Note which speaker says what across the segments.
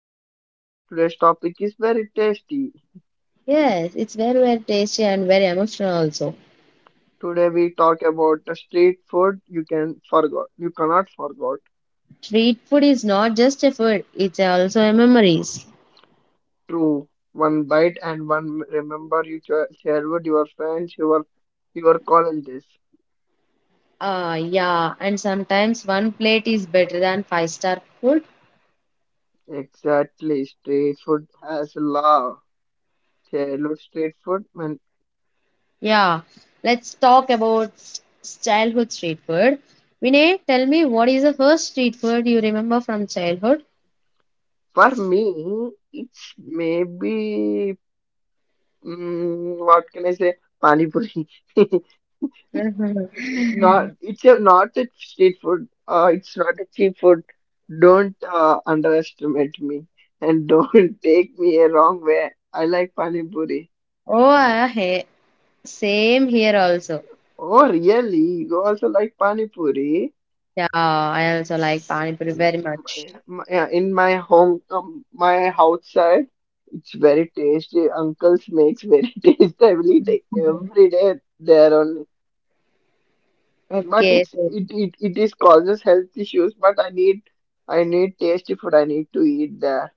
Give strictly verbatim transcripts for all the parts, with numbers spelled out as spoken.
Speaker 1: Am Vinay. Today's topic is very tasty.
Speaker 2: Yes, it's very, very tasty and very emotional also.
Speaker 1: Today we talk about the street food you can forgot, you cannot forget.
Speaker 2: Street food is not just a food, it's also a memories.
Speaker 1: True, one bite and one remember you ch- share with your friends, your your colleagues.
Speaker 2: Ah, yeah, and sometimes one plate is better than five-star food.
Speaker 1: Exactly, street food has love. Childhood street food, and
Speaker 2: Yeah, let's talk about s- childhood street food. Vinay, tell me, what is the first street food you remember from childhood?
Speaker 1: for me, it's maybe mm, what can I say? Pani puri.
Speaker 2: Mhm.
Speaker 1: Not it's a, not a street food. Uh, it's not a cheap food. Don't uh, underestimate me and don't take me a wrong way. I like pani puri.
Speaker 2: Oh, I, he- Same here also.
Speaker 1: Oh, really? You also like pani puri?
Speaker 2: Yeah, I also like Pani Puri very much.
Speaker 1: Mm, yeah. In my home, um, my house side, it's very tasty. Uncle's makes very tasty. I will eat it every day there only. But
Speaker 2: Okay,
Speaker 1: it's
Speaker 2: so
Speaker 1: it it it is causes health issues. But I need I need tasty food. I need to eat there.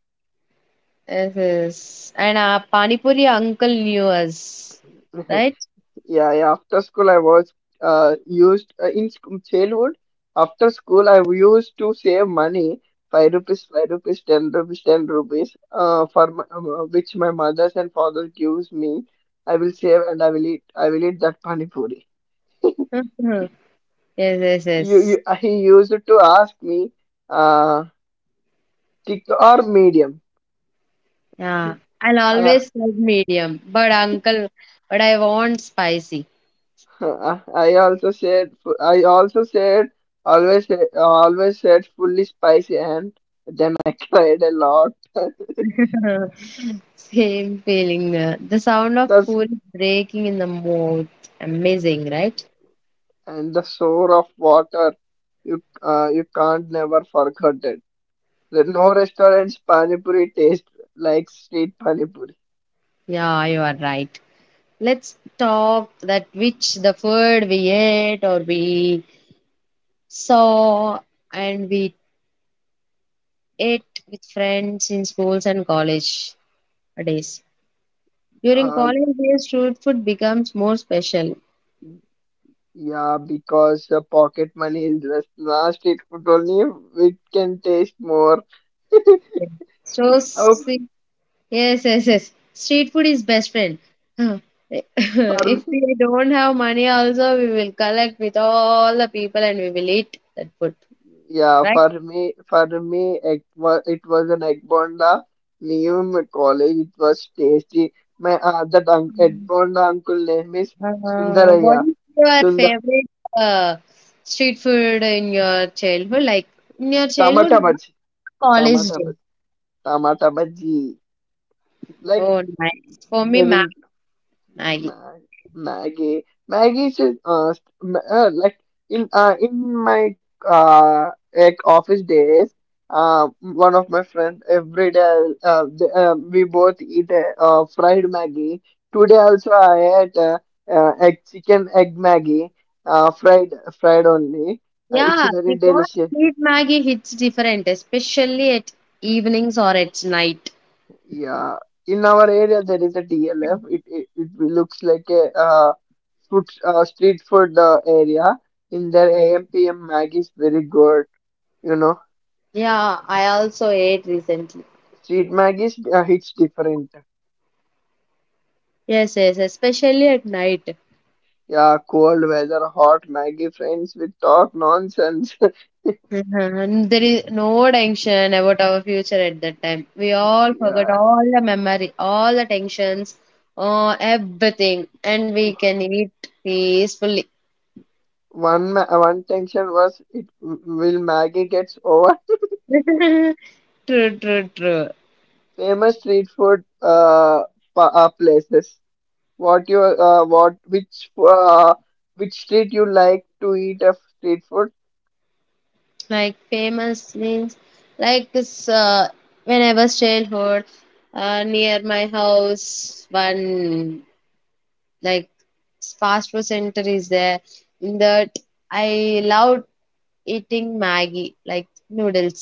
Speaker 2: yes, yes. And our panipuri uncle knew us, right?
Speaker 1: Yeah, yeah. After school, I was uh, used uh, in sc- childhood. After school, I used to save money, five rupees, five rupees, ten rupees, ten rupees, uh, for my, uh, which my mothers and father gives me. I will save and I will eat. I will eat that pani puri.
Speaker 2: Mhm. Yes, yes,
Speaker 1: You,
Speaker 2: yes.
Speaker 1: you, he used to ask me, uh, thick or medium.
Speaker 2: Yeah. I'll
Speaker 1: I,
Speaker 2: always said medium, but uncle, but I want spicy.
Speaker 1: I I also said fu- I also said always said- always said fully spicy and then I cried a lot.
Speaker 2: Same feeling. uh, The sound of
Speaker 1: That's
Speaker 2: puri breaking in the mouth. Amazing, right?
Speaker 1: and the sour of water you uh, you can't never forget it. There no restaurants pani puri taste like street pani puri.
Speaker 2: Yeah, you are right. Let's talk that which the food we ate or we saw and we ate with friends in schools and college days. During
Speaker 1: Um,
Speaker 2: college days, street food becomes more special.
Speaker 1: yeah, because uh, pocket money is less. Now street food only we can taste more.
Speaker 2: So,
Speaker 1: Oh,
Speaker 2: see, yes, yes, yes. Street food is best friend.
Speaker 1: for
Speaker 2: If
Speaker 1: me.
Speaker 2: we don't have money, also we will collect with all the people and we will eat that food,
Speaker 1: Yeah,
Speaker 2: right?
Speaker 1: for me, for me, it was, it was an egg bonda. Near my college, it was tasty. My uh, that un egg bonda uncle name is
Speaker 2: Uh, what
Speaker 1: Sundaraya.
Speaker 2: is your
Speaker 1: Sundar
Speaker 2: favorite uh, street food in your childhood? Like in your childhood,
Speaker 1: Tamata
Speaker 2: not
Speaker 1: Bhaji,
Speaker 2: in your college
Speaker 1: Tamata
Speaker 2: day.
Speaker 1: Bhaji, Tamata Bhaji. Like
Speaker 2: Oh, nice. For me,
Speaker 1: they will.
Speaker 2: Maggie. Maggie.
Speaker 1: Ma Maggie, Maggie should uh, st- ma- uh like in uh in my uh like office days, uh one of my friends every day, uh, the, uh we both eat a uh, fried Maggie. Today also I ate uh, uh, egg chicken egg Maggie, uh fried fried only. Uh, it's
Speaker 2: Yeah,
Speaker 1: very
Speaker 2: because
Speaker 1: delicious.
Speaker 2: street Maggie hits different, especially at evenings or at night.
Speaker 1: Yeah, in our area there is a D L F. It it, it looks like a uh, food uh, street food uh, area. In their A M P M Maggie is very good. You know,
Speaker 2: Yeah, I also ate recently.
Speaker 1: street Maggie is uh, hits different.
Speaker 2: Yes, yes, especially at night.
Speaker 1: Yeah, cold weather, hot Maggie, friends with talk nonsense.
Speaker 2: And there is no tension about our future at that time. We all forgot
Speaker 1: Yeah,
Speaker 2: all the memory, all the tensions, uh, everything, and we can eat peacefully.
Speaker 1: one ma one tension was it will Maggie gets over.
Speaker 2: True, true, true.
Speaker 1: Famous street food uh, pa uh places. What your uh, what which uh, which street you like to eat of street food?
Speaker 2: Like famous means like this uh, when I was childhood, uh, near my house one like fast food center is there. In that I loved eating maggi like noodles.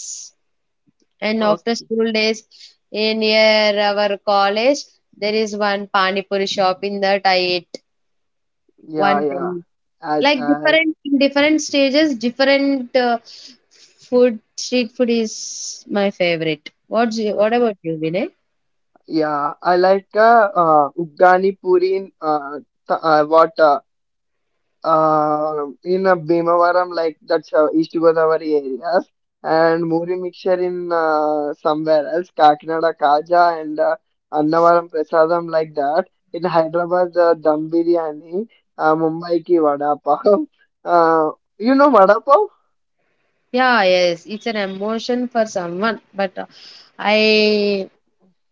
Speaker 2: And after
Speaker 1: Okay,
Speaker 2: school days in near our college there is one pani puri shop, in that I ate
Speaker 1: yeah,
Speaker 2: one thing.
Speaker 1: yeah. As
Speaker 2: Like
Speaker 1: as
Speaker 2: different in different stages, different uh, food, street food is my favorite. What's you, what about you, Vinay?
Speaker 1: yeah, I like uh, uh Ugani Puri in uh, th uh what uh, uh, in uh, Bhimavaram, like that's uh, East Godavari areas, and Muri mixture in uh, somewhere else, Kakinada Kaja and uh, Annavaram Prasadam, like that. In Hyderabad, uh, Dum Biryani, uh, Mumbai ki Vada Pav. Uh, you know Vada Pav?
Speaker 2: Yeah, yes, it's an emotion for someone, but uh, I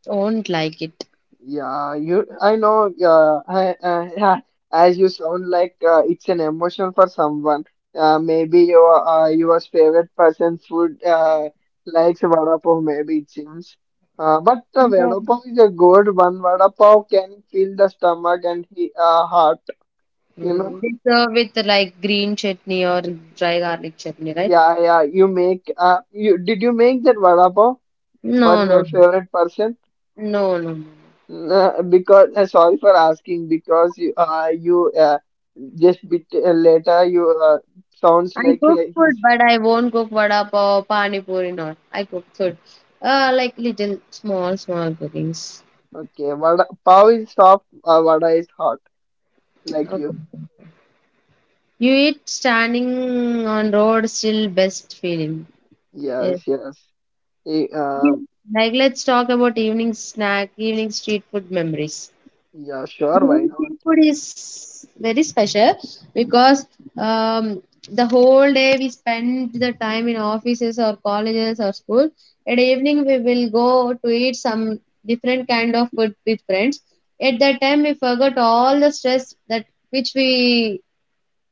Speaker 2: do not like it.
Speaker 1: Yeah, you. I know. Uh, I, uh, yeah, as you sound like uh, it's an emotion for someone. Uh, maybe your uh, your favorite person's food uh, likes vada pav. Maybe it seems. Uh, but the
Speaker 2: No.
Speaker 1: vada pav is a good one. Vada pav can fill the stomach and he, uh, heart. You know.
Speaker 2: Mm, with, uh, with like green chutney or dry garlic chutney, right?
Speaker 1: Yeah, yeah. You make. Uh, you did you make that vada pav for
Speaker 2: No, no,
Speaker 1: your favorite person?
Speaker 2: no, no, no.
Speaker 1: Uh, because uh, sorry for asking because you uh, you uh, just bit uh, later, you uh, sounds
Speaker 2: I
Speaker 1: like
Speaker 2: cook
Speaker 1: uh, he's
Speaker 2: food, but I won't cook vada pav, pani puri, not. I cook food. Uh, like little, small, small cookings.
Speaker 1: okay. Vada, pav is soft, uh, vada is hot, like
Speaker 2: Okay.
Speaker 1: you.
Speaker 2: You eat standing on road still best feeling. Yes.
Speaker 1: Yes, yes. Eh, um,
Speaker 2: Like let's talk about evening snack, evening street food memories.
Speaker 1: yeah, sure, why
Speaker 2: Evening street
Speaker 1: not?
Speaker 2: food is very special because um, the whole day we spend the time in offices or colleges or school. At evening we will go to eat some different kind of food with friends. At that time we forgot all the stress that which we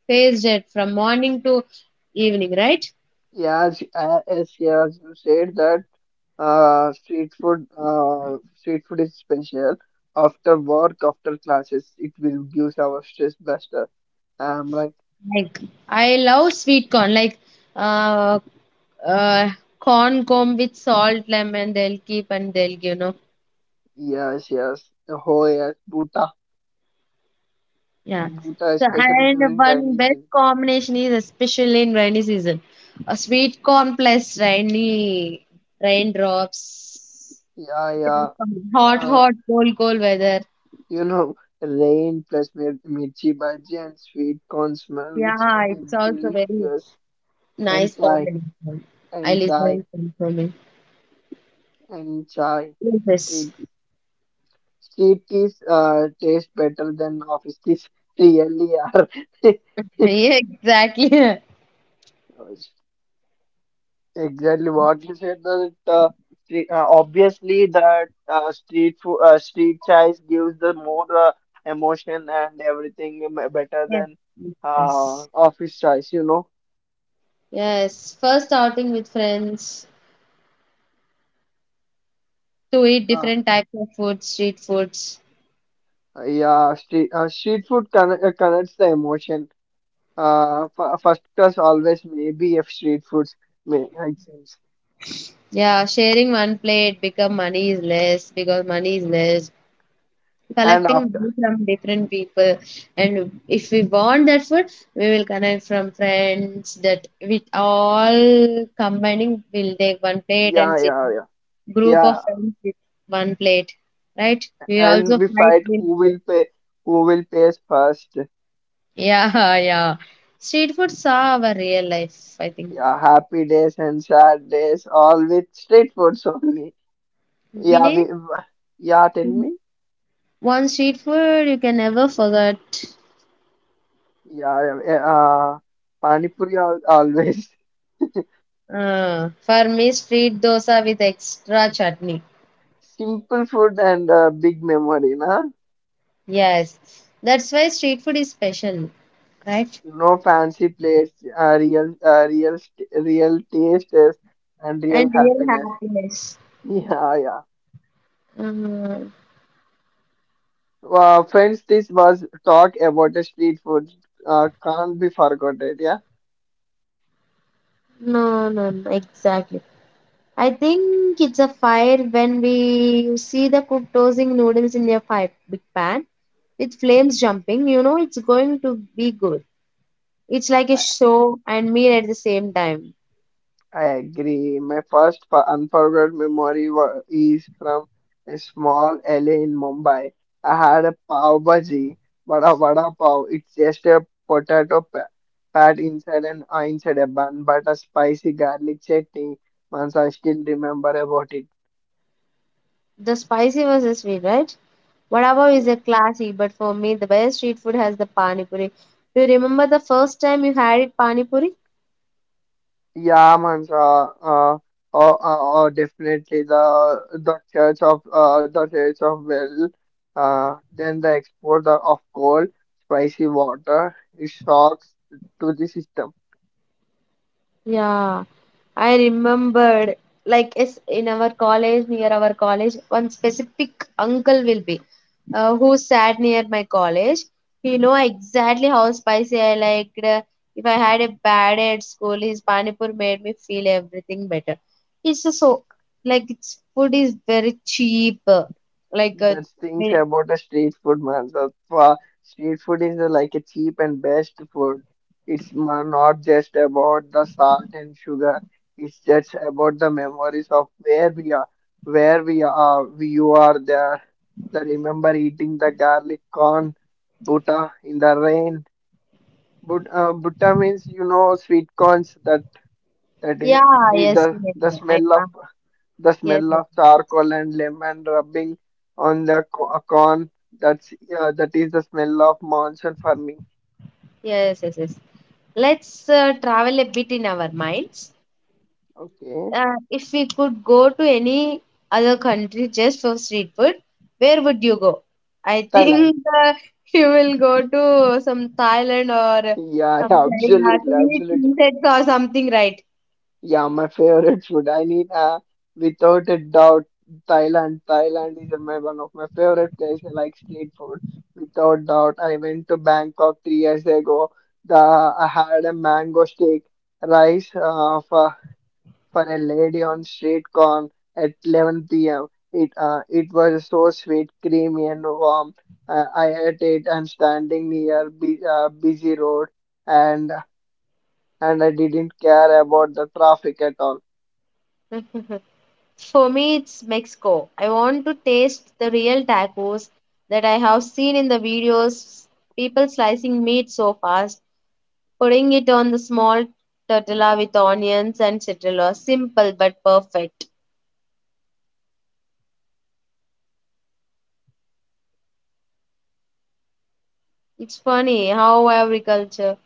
Speaker 2: faced it from morning to evening, right?
Speaker 1: Yes, uh, yes, yes. You said that uh, street food, uh, street food is special. After work, after classes, it will give our stress buster. I'm like,
Speaker 2: Like I love sweet corn, like uh, uh, corn comb with salt, lemon. They'll keep and they'll give, you know.
Speaker 1: yes, yes. Oh, yes, buta,
Speaker 2: Yeah.
Speaker 1: buta,
Speaker 2: So
Speaker 1: especially
Speaker 2: and
Speaker 1: during
Speaker 2: one
Speaker 1: rainy
Speaker 2: best
Speaker 1: season.
Speaker 2: combination is especially in rainy season, a sweet corn plus rainy raindrops.
Speaker 1: Yeah,
Speaker 2: It's a best
Speaker 1: yeah.
Speaker 2: combination. Hot,
Speaker 1: Yeah,
Speaker 2: hot, cold, cold weather.
Speaker 1: you know, rain plus mir- mirchi bhaji and sweet corn smell, which
Speaker 2: Yeah,
Speaker 1: was a
Speaker 2: it's also very
Speaker 1: delicious. And
Speaker 2: nice
Speaker 1: chai,
Speaker 2: combination. I
Speaker 1: and chai,
Speaker 2: listen to it.
Speaker 1: and chai.
Speaker 2: Yes,
Speaker 1: Street, street teas uh, taste better than office teas. Really are.
Speaker 2: exactly.
Speaker 1: Exactly what you said. That uh, stre- uh, obviously that uh, street food, uh, street chais gives the more uh, emotion and everything uh, better
Speaker 2: Yes,
Speaker 1: than uh,
Speaker 2: yes.
Speaker 1: office chais. You know.
Speaker 2: Yes, first outing with friends to eat
Speaker 1: Uh,
Speaker 2: different types of food, street foods.
Speaker 1: Uh, Yeah, street, uh, street food conne- uh, connects the emotion. Uh, f- first class always maybe if street foods may it seems.
Speaker 2: Yeah, sharing one plate become money is less because money is less.
Speaker 1: And
Speaker 2: Collecting
Speaker 1: after,
Speaker 2: money from different people, and if we want that food, we will connect from friends. That with all combining, we'll take one plate and
Speaker 1: yeah,
Speaker 2: sit
Speaker 1: yeah, yeah,
Speaker 2: group
Speaker 1: yeah.
Speaker 2: of friends with one plate, right? We
Speaker 1: And
Speaker 2: also
Speaker 1: we
Speaker 2: fight.
Speaker 1: fight who
Speaker 2: with-
Speaker 1: will pay, who will pays first.
Speaker 2: Yeah, yeah. Street foods are our real life, I think.
Speaker 1: Yeah, happy days and sad days, all with street foods only. Yeah,
Speaker 2: Vinay,
Speaker 1: we, yeah, tell me.
Speaker 2: one street food you can never forget.
Speaker 1: Yeah, yeah, yeah, uh, Pani Puri al always
Speaker 2: Uh, for me, street dosa with extra chutney.
Speaker 1: simple food and uh, big memory, na?
Speaker 2: Yes, that's why street food is special, right?
Speaker 1: No fancy plates, uh, real, uh, real, st- real taste is- and
Speaker 2: And
Speaker 1: real
Speaker 2: real
Speaker 1: happiness.
Speaker 2: happiness.
Speaker 1: Yeah, yeah.
Speaker 2: Uh,
Speaker 1: Well, friends, this was talk about the street food. Uh, can't be forgotten. Yeah.
Speaker 2: no, no, no, exactly. I think it's a fire when we you see the cook tossing noodles in your fire big pan with flames jumping. You know it's going to be good. It's like a show and meal at the same time.
Speaker 1: I agree. My first fo- unforgettable memory wa- is from a small alley in Mumbai. I had a pav bhaji, but a vada pav. It's just a potato pa- pat inside and uh, inside a bun, but a spicy garlic chutney. Once I still remember about it.
Speaker 2: The spicy versus sweet, right? Vada is a classic, but for me, the best street food has the pani puri. Do you remember the first time you had it pani puri?
Speaker 1: Yeah, Mansa, uh, or, or, or definitely the the Church of uh, the Church of well, uh, then the export the, of coal, spicy water, it shocks to the system.
Speaker 2: Yeah, I remembered like it's in our college, near our college, one specific uncle will be, uh, who sat near my college. He know exactly how spicy I liked. uh, If I had a bad day at school, his panipur made me feel everything better. It's just so like its food is very cheap. uh, Like uh,
Speaker 1: That things
Speaker 2: we-
Speaker 1: about the street food, man. The fa- street food is uh, like a cheap and best food. It's ma- not just about the salt and sugar. It's just about the memories of where we are, where we are, we, you are there. I remember eating the garlic corn butta in the rain. But uh, butta means you know sweet corns that that
Speaker 2: yeah,
Speaker 1: is, is
Speaker 2: yes,
Speaker 1: the
Speaker 2: yes,
Speaker 1: the
Speaker 2: I,
Speaker 1: smell of
Speaker 2: uh,
Speaker 1: the
Speaker 2: yes,
Speaker 1: smell
Speaker 2: yes,
Speaker 1: of charcoal and lemon rubbing on the co- uh, corn. That's uh, that is the smell of monsoon farming.
Speaker 2: yes, yes, yes. Let's uh, travel a bit in our minds.
Speaker 1: Okay.
Speaker 2: Uh, if we could go to any other country just for street food, where would you go? I
Speaker 1: Thailand.
Speaker 2: think uh, you will go to some Thailand or
Speaker 1: Yeah,
Speaker 2: some
Speaker 1: yeah,
Speaker 2: China to
Speaker 1: absolutely,
Speaker 2: eat
Speaker 1: absolutely.
Speaker 2: insects or something, right?
Speaker 1: Yeah, my favorite food. I mean, uh, without a doubt, Thailand. Thailand is my one of my favorite places. I like street food, without doubt. I went to Bangkok three years ago. The I had a mango steak, rice, uh, for for a lady on street corn at eleven p m. It uh, it was so sweet, creamy, and warm. Uh, I ate it and standing near bu- uh, busy road, and and I didn't care about the traffic at all.
Speaker 2: For me, it's Mexico. I want to taste the real tacos that I have seen in the videos. People slicing meat so fast, putting it on the small tortilla with onions and citrullus. Simple but perfect. It's funny how every culture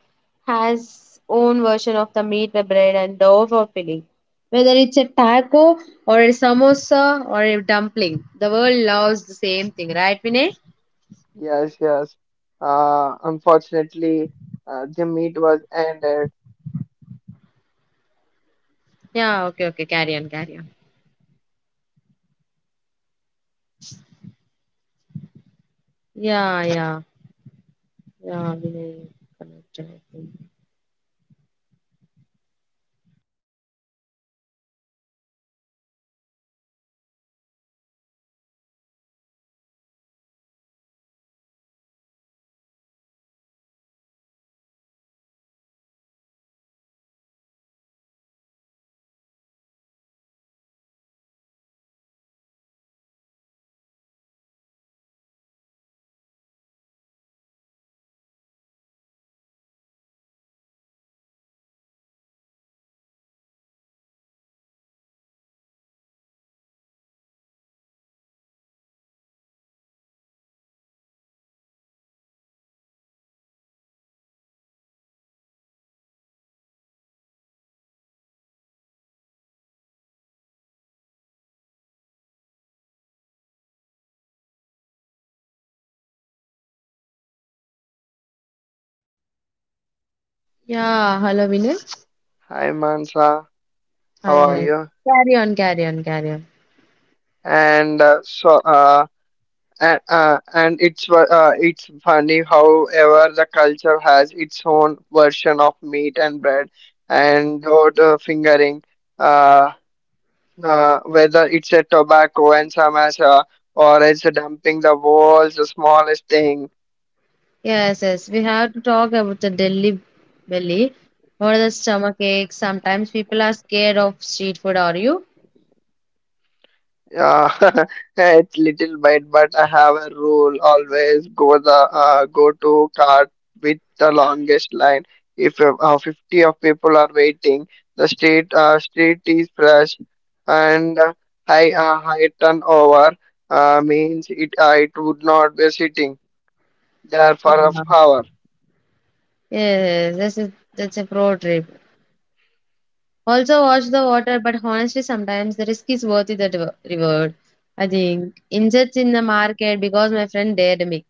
Speaker 2: has own version of the meat, the bread, and dough for filling. Whether it's a taco or a samosa or a dumpling, the world loves the same thing, right, Vinay?
Speaker 1: Yes, yes. Uh, unfortunately, uh, the meet was ended.
Speaker 2: Yeah, okay, okay, carry on, carry on. Yeah, yeah, yeah, Vinay connected, I think. Yeah, hello, Vinay.
Speaker 1: Hi Mansa, how
Speaker 2: Hi,
Speaker 1: are
Speaker 2: hi.
Speaker 1: you?
Speaker 2: Carry on, carry on, carry on.
Speaker 1: And uh, so uh, and, uh, and it's fu- uh, it's funny however the culture has its own version of meat and bread and though the fingering uh, uh, whether it's a tobacco and samosa or it's dumping the world's the smallest thing.
Speaker 2: Yes, yes, we have to talk about the Delhi belly or the stomach ache. Sometimes people are scared of street food, are you?
Speaker 1: Yeah, it's little bit, but I have a rule always go the uh, go to cart with the longest line. If uh, uh, fifty of people are waiting, the street uh, street is fresh and uh, high uh, high turnover uh, means it uh, it would not be sitting there
Speaker 2: Yeah.
Speaker 1: for a hour.
Speaker 2: Yes, that's a that's a pro trip. Also watch the water, but honestly, sometimes the risk is worth the dev- reward. I think inserts in the market because my friend dared me.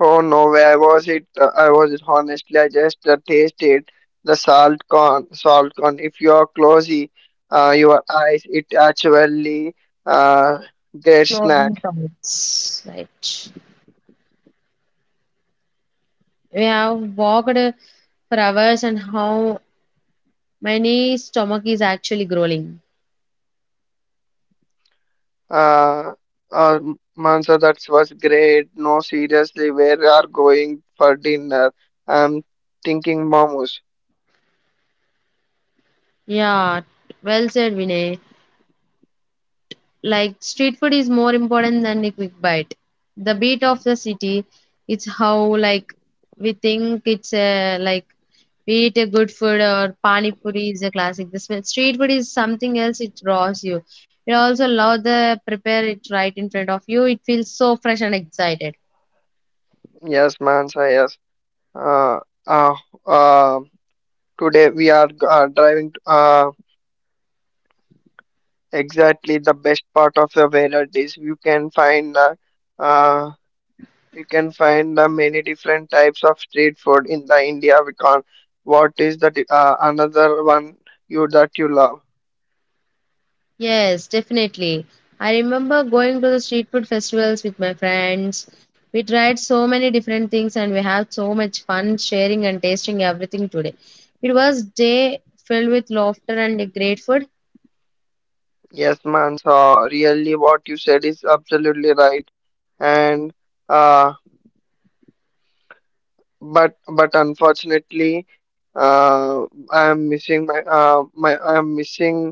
Speaker 1: Oh no, where was it? Uh, I was it honestly. I just uh, tasted the salt corn. Salt corn. If you are closey, uh, your eyes, it actually uh, great snack.
Speaker 2: Clothing thoughts, right? We have walked for hours, and how many stomach is actually growling.
Speaker 1: Uh, uh, Mansa, that was great. No, seriously, where we are going for dinner? I'm thinking momos.
Speaker 2: Yeah, well said, Vinay. Like street food is more important than a quick bite. The beat of the city, it's how like we think it's a like be it a good food or pani puri is a classic. This street food is something else. It draws you. It also love the prepare it right in front of you. It feels so fresh and excited.
Speaker 1: Yes, Mansa. Yes. Uh, uh, uh, today we are uh, driving. Uh, Exactly, the best part of the wallet is you can find uh, uh, you can find the many different types of street food in the India. Because what is that uh, another one you that you love?
Speaker 2: Yes, definitely. I remember going to the street food festivals with my friends. We tried so many different things and we had so much fun sharing and tasting everything today. It was day filled with laughter and great food.
Speaker 1: Yes, man. So really, what you said is absolutely right. And uh, but but unfortunately uh I am missing my uh my I am missing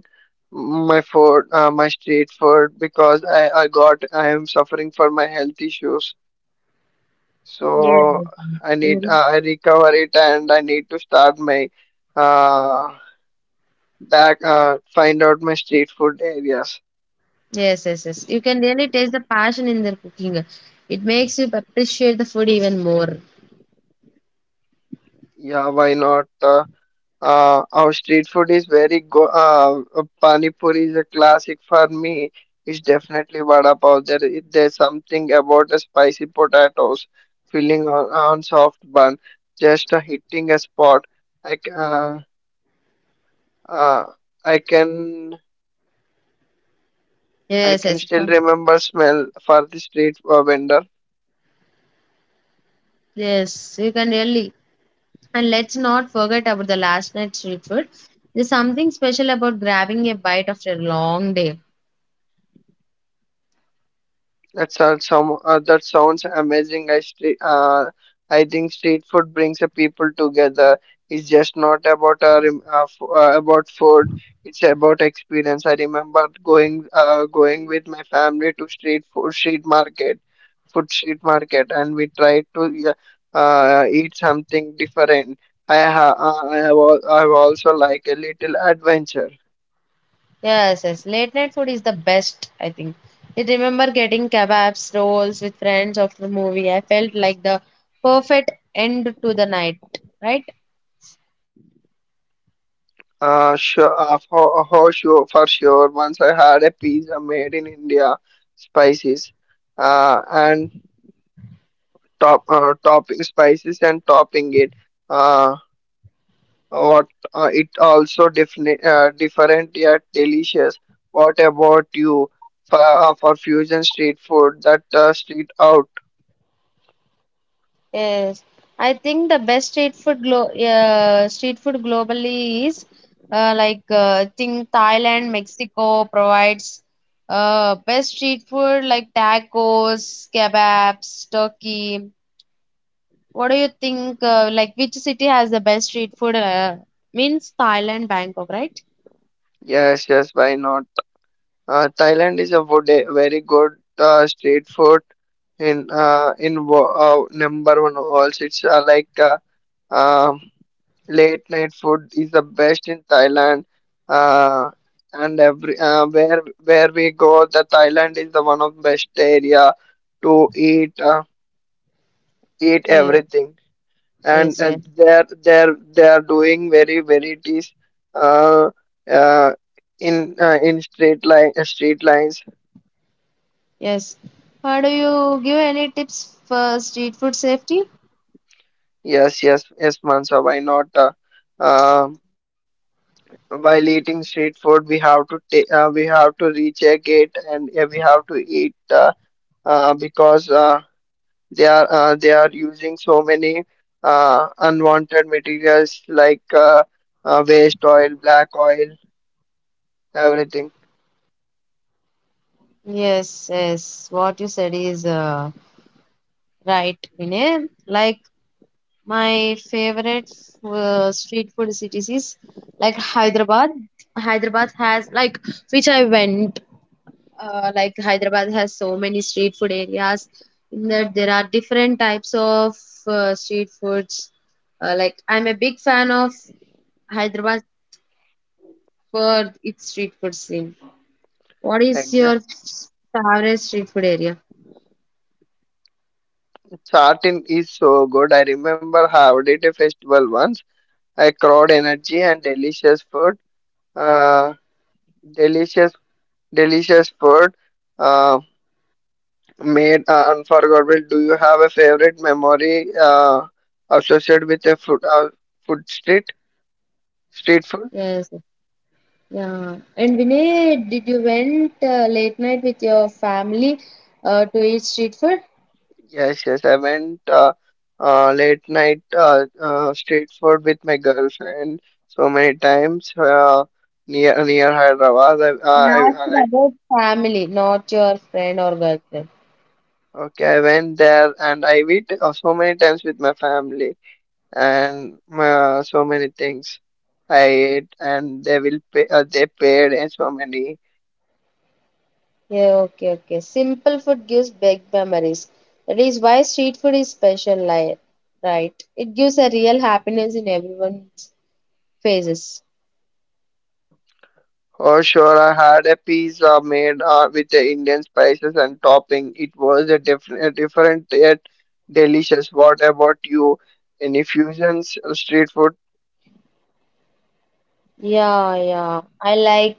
Speaker 1: my food uh, my street food because i i got I am suffering for my health issues so
Speaker 2: Yes,
Speaker 1: I need uh, I recover it and I need to start my uh back uh find out my street food areas.
Speaker 2: yes, yes, yes. You can really taste the passion in their cooking. It makes you appreciate the food even more.
Speaker 1: Yeah, why not? uh, Uh, our street food is very go uh, uh, Pani Puri is a classic for me. It's definitely vada pav. There, i- there's something about the spicy potatoes filling on, on soft bun, just uh, hitting a spot. I c- uh, uh, I can I
Speaker 2: Yes,
Speaker 1: can
Speaker 2: yes,
Speaker 1: still remember smell for the street uh, vendor.
Speaker 2: yes. You can really. And let's not forget about the last night street food. There's something special about grabbing a bite after a long day.
Speaker 1: That sounds some uh, that sounds amazing. I street, uh, I think street food brings the people together. It's just not about a rem uh, f uh, about food. It's about experience. I remember going uh, going with my family to street food street market, food street market, and we tried to yeah, uh, eat something different. I ha uh, I have al I have also like a little adventure.
Speaker 2: Yes, yes. Late night food is the best, I think. I remember getting kebabs, rolls with friends after the movie. I felt like the perfect end to the night, right?
Speaker 1: Uh, sure, uh, for, for sure, for sure. Once I had a pizza made in India, spices, uh, and top uh, topping spices and topping it. Uh, what uh, It also different, uh, different yet delicious. What about you for, uh, for fusion street food? That uh, Street out?
Speaker 2: Yes, I think the best street food glo uh, street food globally is uh, like uh, think Thailand, Mexico provides uh, best street food like tacos, kebabs, turkey. What do you think? Uh, like which city has the best street food? Uh, means Thailand, Bangkok, right?
Speaker 1: Yes, yes. Why not? Uh, Thailand is a wood, very good uh, street food in uh, in wo- uh, number one also. It's uh, like uh, um late night food is the best in Thailand. Uh, and every uh, where where we go, the Thailand is the one of best area to eat uh, eat
Speaker 2: Yes,
Speaker 1: everything. And
Speaker 2: yes,
Speaker 1: uh,
Speaker 2: yes,
Speaker 1: they're they're they are doing very varieties uh, uh, in uh, in street line uh, street lines.
Speaker 2: yes. How do you give any tips for street food safety?
Speaker 1: Yes, yes, yes, Mansa. Why not? Uh, uh, while eating street food, we have to ta- uh, we have to recheck it, and uh, we have to eat uh, uh, because uh, they are uh, they are using so many uh, unwanted materials like uh, uh, waste oil, black oil, everything.
Speaker 2: Yes, yes. What you said is uh, right in it. Like my favorite uh, street food cities is like Hyderabad. Hyderabad has like which I went. Uh, like Hyderabad has so many street food areas. In that there are different types of uh, street foods. Uh, like I'm a big fan of Hyderabad for its street food scene. What is
Speaker 1: Exactly.
Speaker 2: your favorite street food area?
Speaker 1: Tartan is so good. I remember having it a festival once. I crowd energy and delicious food. Uh, delicious Delicious food uh, made uh, unforgettable. Do you have a favorite memory uh, associated with a food uh, food street street food?
Speaker 2: Yes. Yeah, and Vinay, did you went uh, late night with your family uh, to eat street food?
Speaker 1: Yes, yes. I went uh, uh, late night uh, uh, street food with my girlfriend so many times uh, near near Hyderabad. I,
Speaker 2: I
Speaker 1: I,
Speaker 2: asked
Speaker 1: I
Speaker 2: about family, not your friend or girlfriend.
Speaker 1: Okay. I went there and I eat uh, so many times with my family, and uh, so many things I ate, and they will pay, uh, they paid and so many.
Speaker 2: Yeah, okay, okay. Simple food gives big memories. That is why street food is special, li- right? It gives a real happiness in everyone's faces.
Speaker 1: Oh, sure, I had a pizza made uh, with the Indian spices and topping. It was a different, a different yet delicious. What about you? Any fusions, uh, street food?
Speaker 2: Yeah, yeah. I like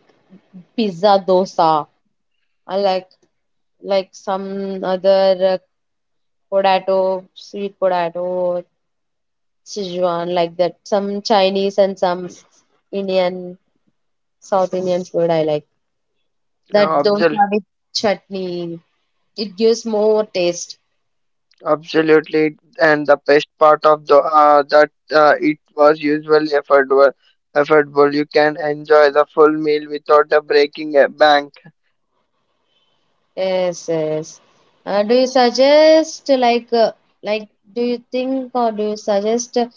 Speaker 2: pizza dosa. I like like some other uh, potato, sweet potato, Sichuan, like that. Some Chinese and some Indian, South Indian food I like.
Speaker 1: No,
Speaker 2: That
Speaker 1: absol
Speaker 2: dosa with chutney, it gives more taste.
Speaker 1: Absolutely. And the best part of the uh, that uh, it was usually affordable. Affordable. You can enjoy the full meal without a breaking a bank.
Speaker 2: Yes, yes. Uh, do you suggest like uh, like do you think or do you suggest to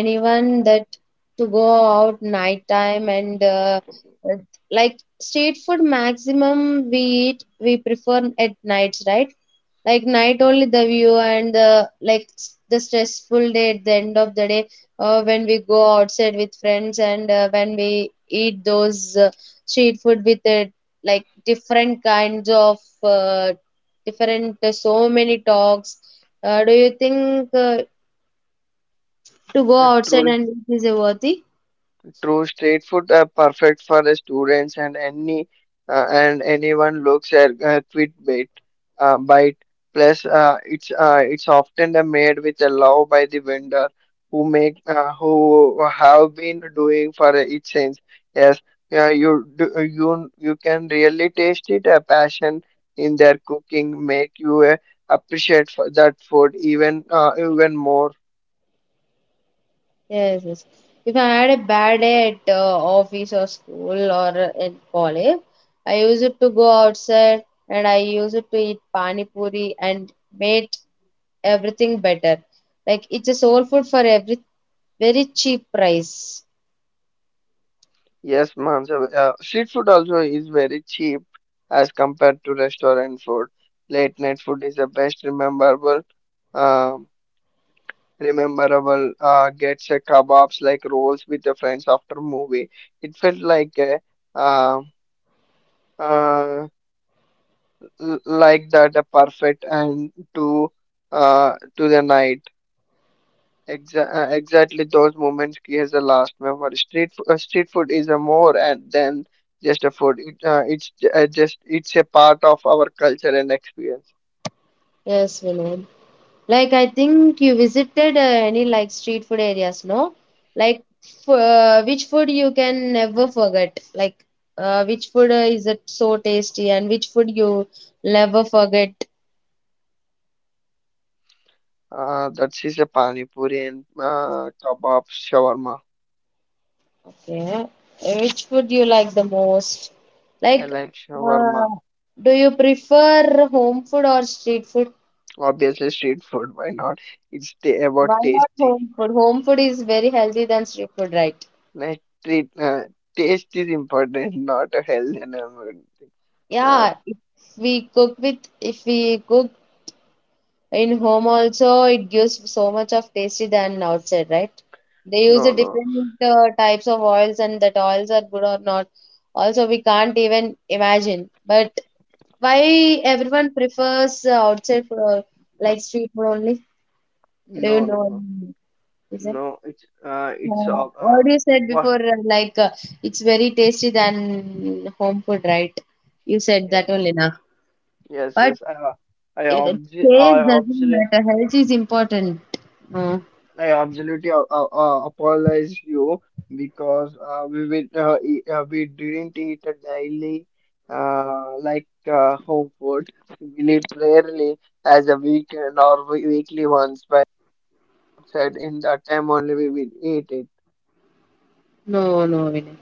Speaker 2: anyone that to go out nighttime and uh, uh, like street food maximum we eat we prefer at nights, right? Like night only the view and the like s- the stressful day at the end of the day, uh, when we go outside with friends and uh, when we eat those uh, street food with uh, like different kinds of uh, different uh, so many talks. Uh, do you think uh, to go
Speaker 1: Uh,
Speaker 2: outside
Speaker 1: true.
Speaker 2: and it is a worthy?
Speaker 1: True, street food are perfect for the students and any uh, and anyone looks at a quick bite. Uh, bite. Plus, uh, it's uh, it's often uh, made with a love by the vendor who make uh, who have been doing for it since. Yes, yeah, you do, you you can really taste it. A passion in their cooking make you uh, appreciate for that food even uh, even more.
Speaker 2: Yes, yes. If I had a bad day at uh, office or school or in college, I used to go outside and I used to eat pani puri and made everything better. Like it's a soul food for every very cheap price.
Speaker 1: Yes, Mansav. Uh, street food also is very cheap as compared to restaurant food. Late night food is the best rememberable, um rememberable. Uh, gets a kebabs like rolls with the friends after movie. It felt like a, uh, uh, l- like that a perfect and to uh to the night. Exa- uh, exactly those moments creates the last memory. Street f- uh, street food is a more and than just a food. It, uh, it's j- uh, just It's a part of our culture and experience.
Speaker 2: Yes, Vinod. Like I think you visited uh, any like street food areas, no? Like f uh, which food you can never forget? Like uh, which food uh, is it so tasty and which food you never forget?
Speaker 1: Uh, that is a pani puri and uh, kebab shawarma.
Speaker 2: Yeah. Uh, which food you like the most?
Speaker 1: I
Speaker 2: Like
Speaker 1: like
Speaker 2: uh,
Speaker 1: shawarma.
Speaker 2: do you prefer home food or street food?
Speaker 1: Obviously, street food. Why not? It's t-
Speaker 2: Why
Speaker 1: about
Speaker 2: not
Speaker 1: tasty.
Speaker 2: home food? Home food is very healthy than street food, right?
Speaker 1: Like treat. Uh, taste is important, not a health and environment. Uh,
Speaker 2: Yeah, if we cook with, if we cook in home also, it gives so much of tasty than outside, right? They use the
Speaker 1: no, no,
Speaker 2: different uh, types of oils, and that oils are good or not. Also, we can't even imagine. But why everyone prefers uh, outside food or like street food only? Do
Speaker 1: no,
Speaker 2: you
Speaker 1: no,
Speaker 2: know
Speaker 1: no.
Speaker 2: any reason?
Speaker 1: No, it's uh, it's
Speaker 2: Uh,
Speaker 1: uh,
Speaker 2: what
Speaker 1: uh,
Speaker 2: you said
Speaker 1: what.
Speaker 2: before, uh, like uh, it's very tasty than home food, right? You said
Speaker 1: Yeah.
Speaker 2: that only now.
Speaker 1: Yes,
Speaker 2: But
Speaker 1: yes. I, I,
Speaker 2: uh,
Speaker 1: obvi- I,
Speaker 2: taste doesn't
Speaker 1: absolutely.
Speaker 2: matter. Health is important. Uh,
Speaker 1: I absolutely uh, uh, uh, apologize you because uh, we will, uh, e- uh, we didn't eat a daily uh, like uh, home food. We eat rarely as a weekend or we- weekly once, but said in that time only we will eat it.
Speaker 2: No, no, Vinay.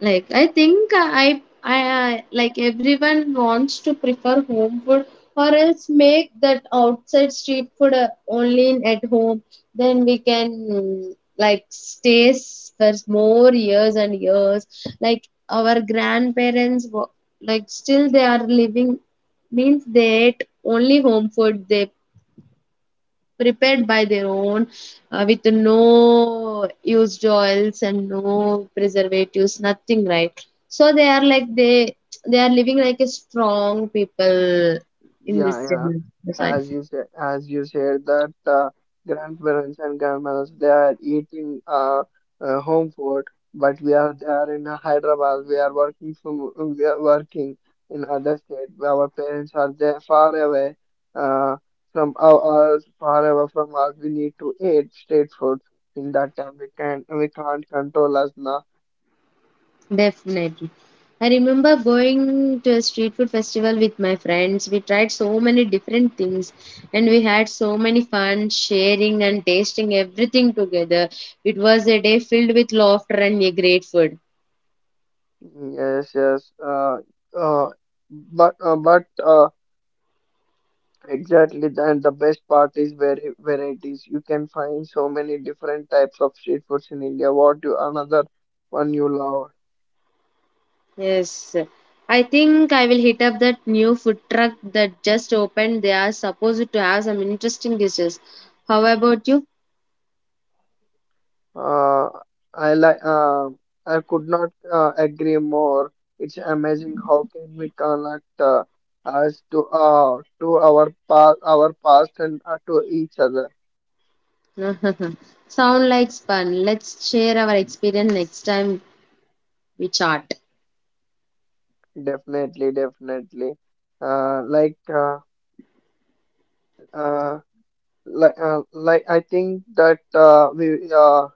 Speaker 2: Like I think I, I, I like everyone wants to prefer home food or else make that outside street food uh, only in, at home. Then we can mm, like stay s- for more years and years. Like our grandparents, wa- like still they are living means they ate only home food. They prepared by their own uh, with no used oils and no preservatives nothing, right? So they are like they they are living like a strong people in this
Speaker 1: Yeah, yeah.
Speaker 2: generation.
Speaker 1: As you said, as you said that uh, grandparents and grandmothers they are eating uh, uh, home food, but we are there in uh, Hyderabad. We are working from we are working in other state. Our parents are there far away uh, from our us, far away from us. We need to eat state food. In that time, we can we can't control us now.
Speaker 2: Definitely. I remember going to a street food festival with my friends. We tried so many different things and we had so many fun sharing and tasting everything together. It was a day filled with laughter and a great food.
Speaker 1: Mm, yes, yes. Uh, uh, but uh, but. Uh, Exactly, and the best part is very varieties. You can find so many different types of street foods in India. What you another one you love?
Speaker 2: Yes, I think I will hit up that new food truck that just opened. They are supposed to have some interesting dishes. How about you?
Speaker 1: Uh, I like. Uh, I could not uh, agree more. It's amazing how can we connect uh, us to uh, to our past, our past, and uh, to each other.
Speaker 2: Sound like fun. Let's share our experience next time we chat.
Speaker 1: Definitely, definitely. Uh, like uh, uh, like uh, like I think that uh, we uh,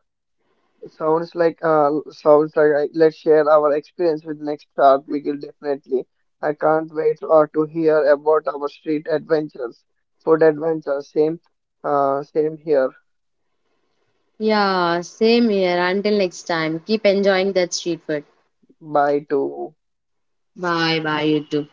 Speaker 1: sounds like uh sounds like I, let's share our experience with next start. We will definitely. I can't wait uh, to hear about our street adventures, food adventures. Same, uh, same here.
Speaker 2: Yeah, same here. Until next time, keep enjoying that street food.
Speaker 1: Bye to
Speaker 2: Bye bye, you too.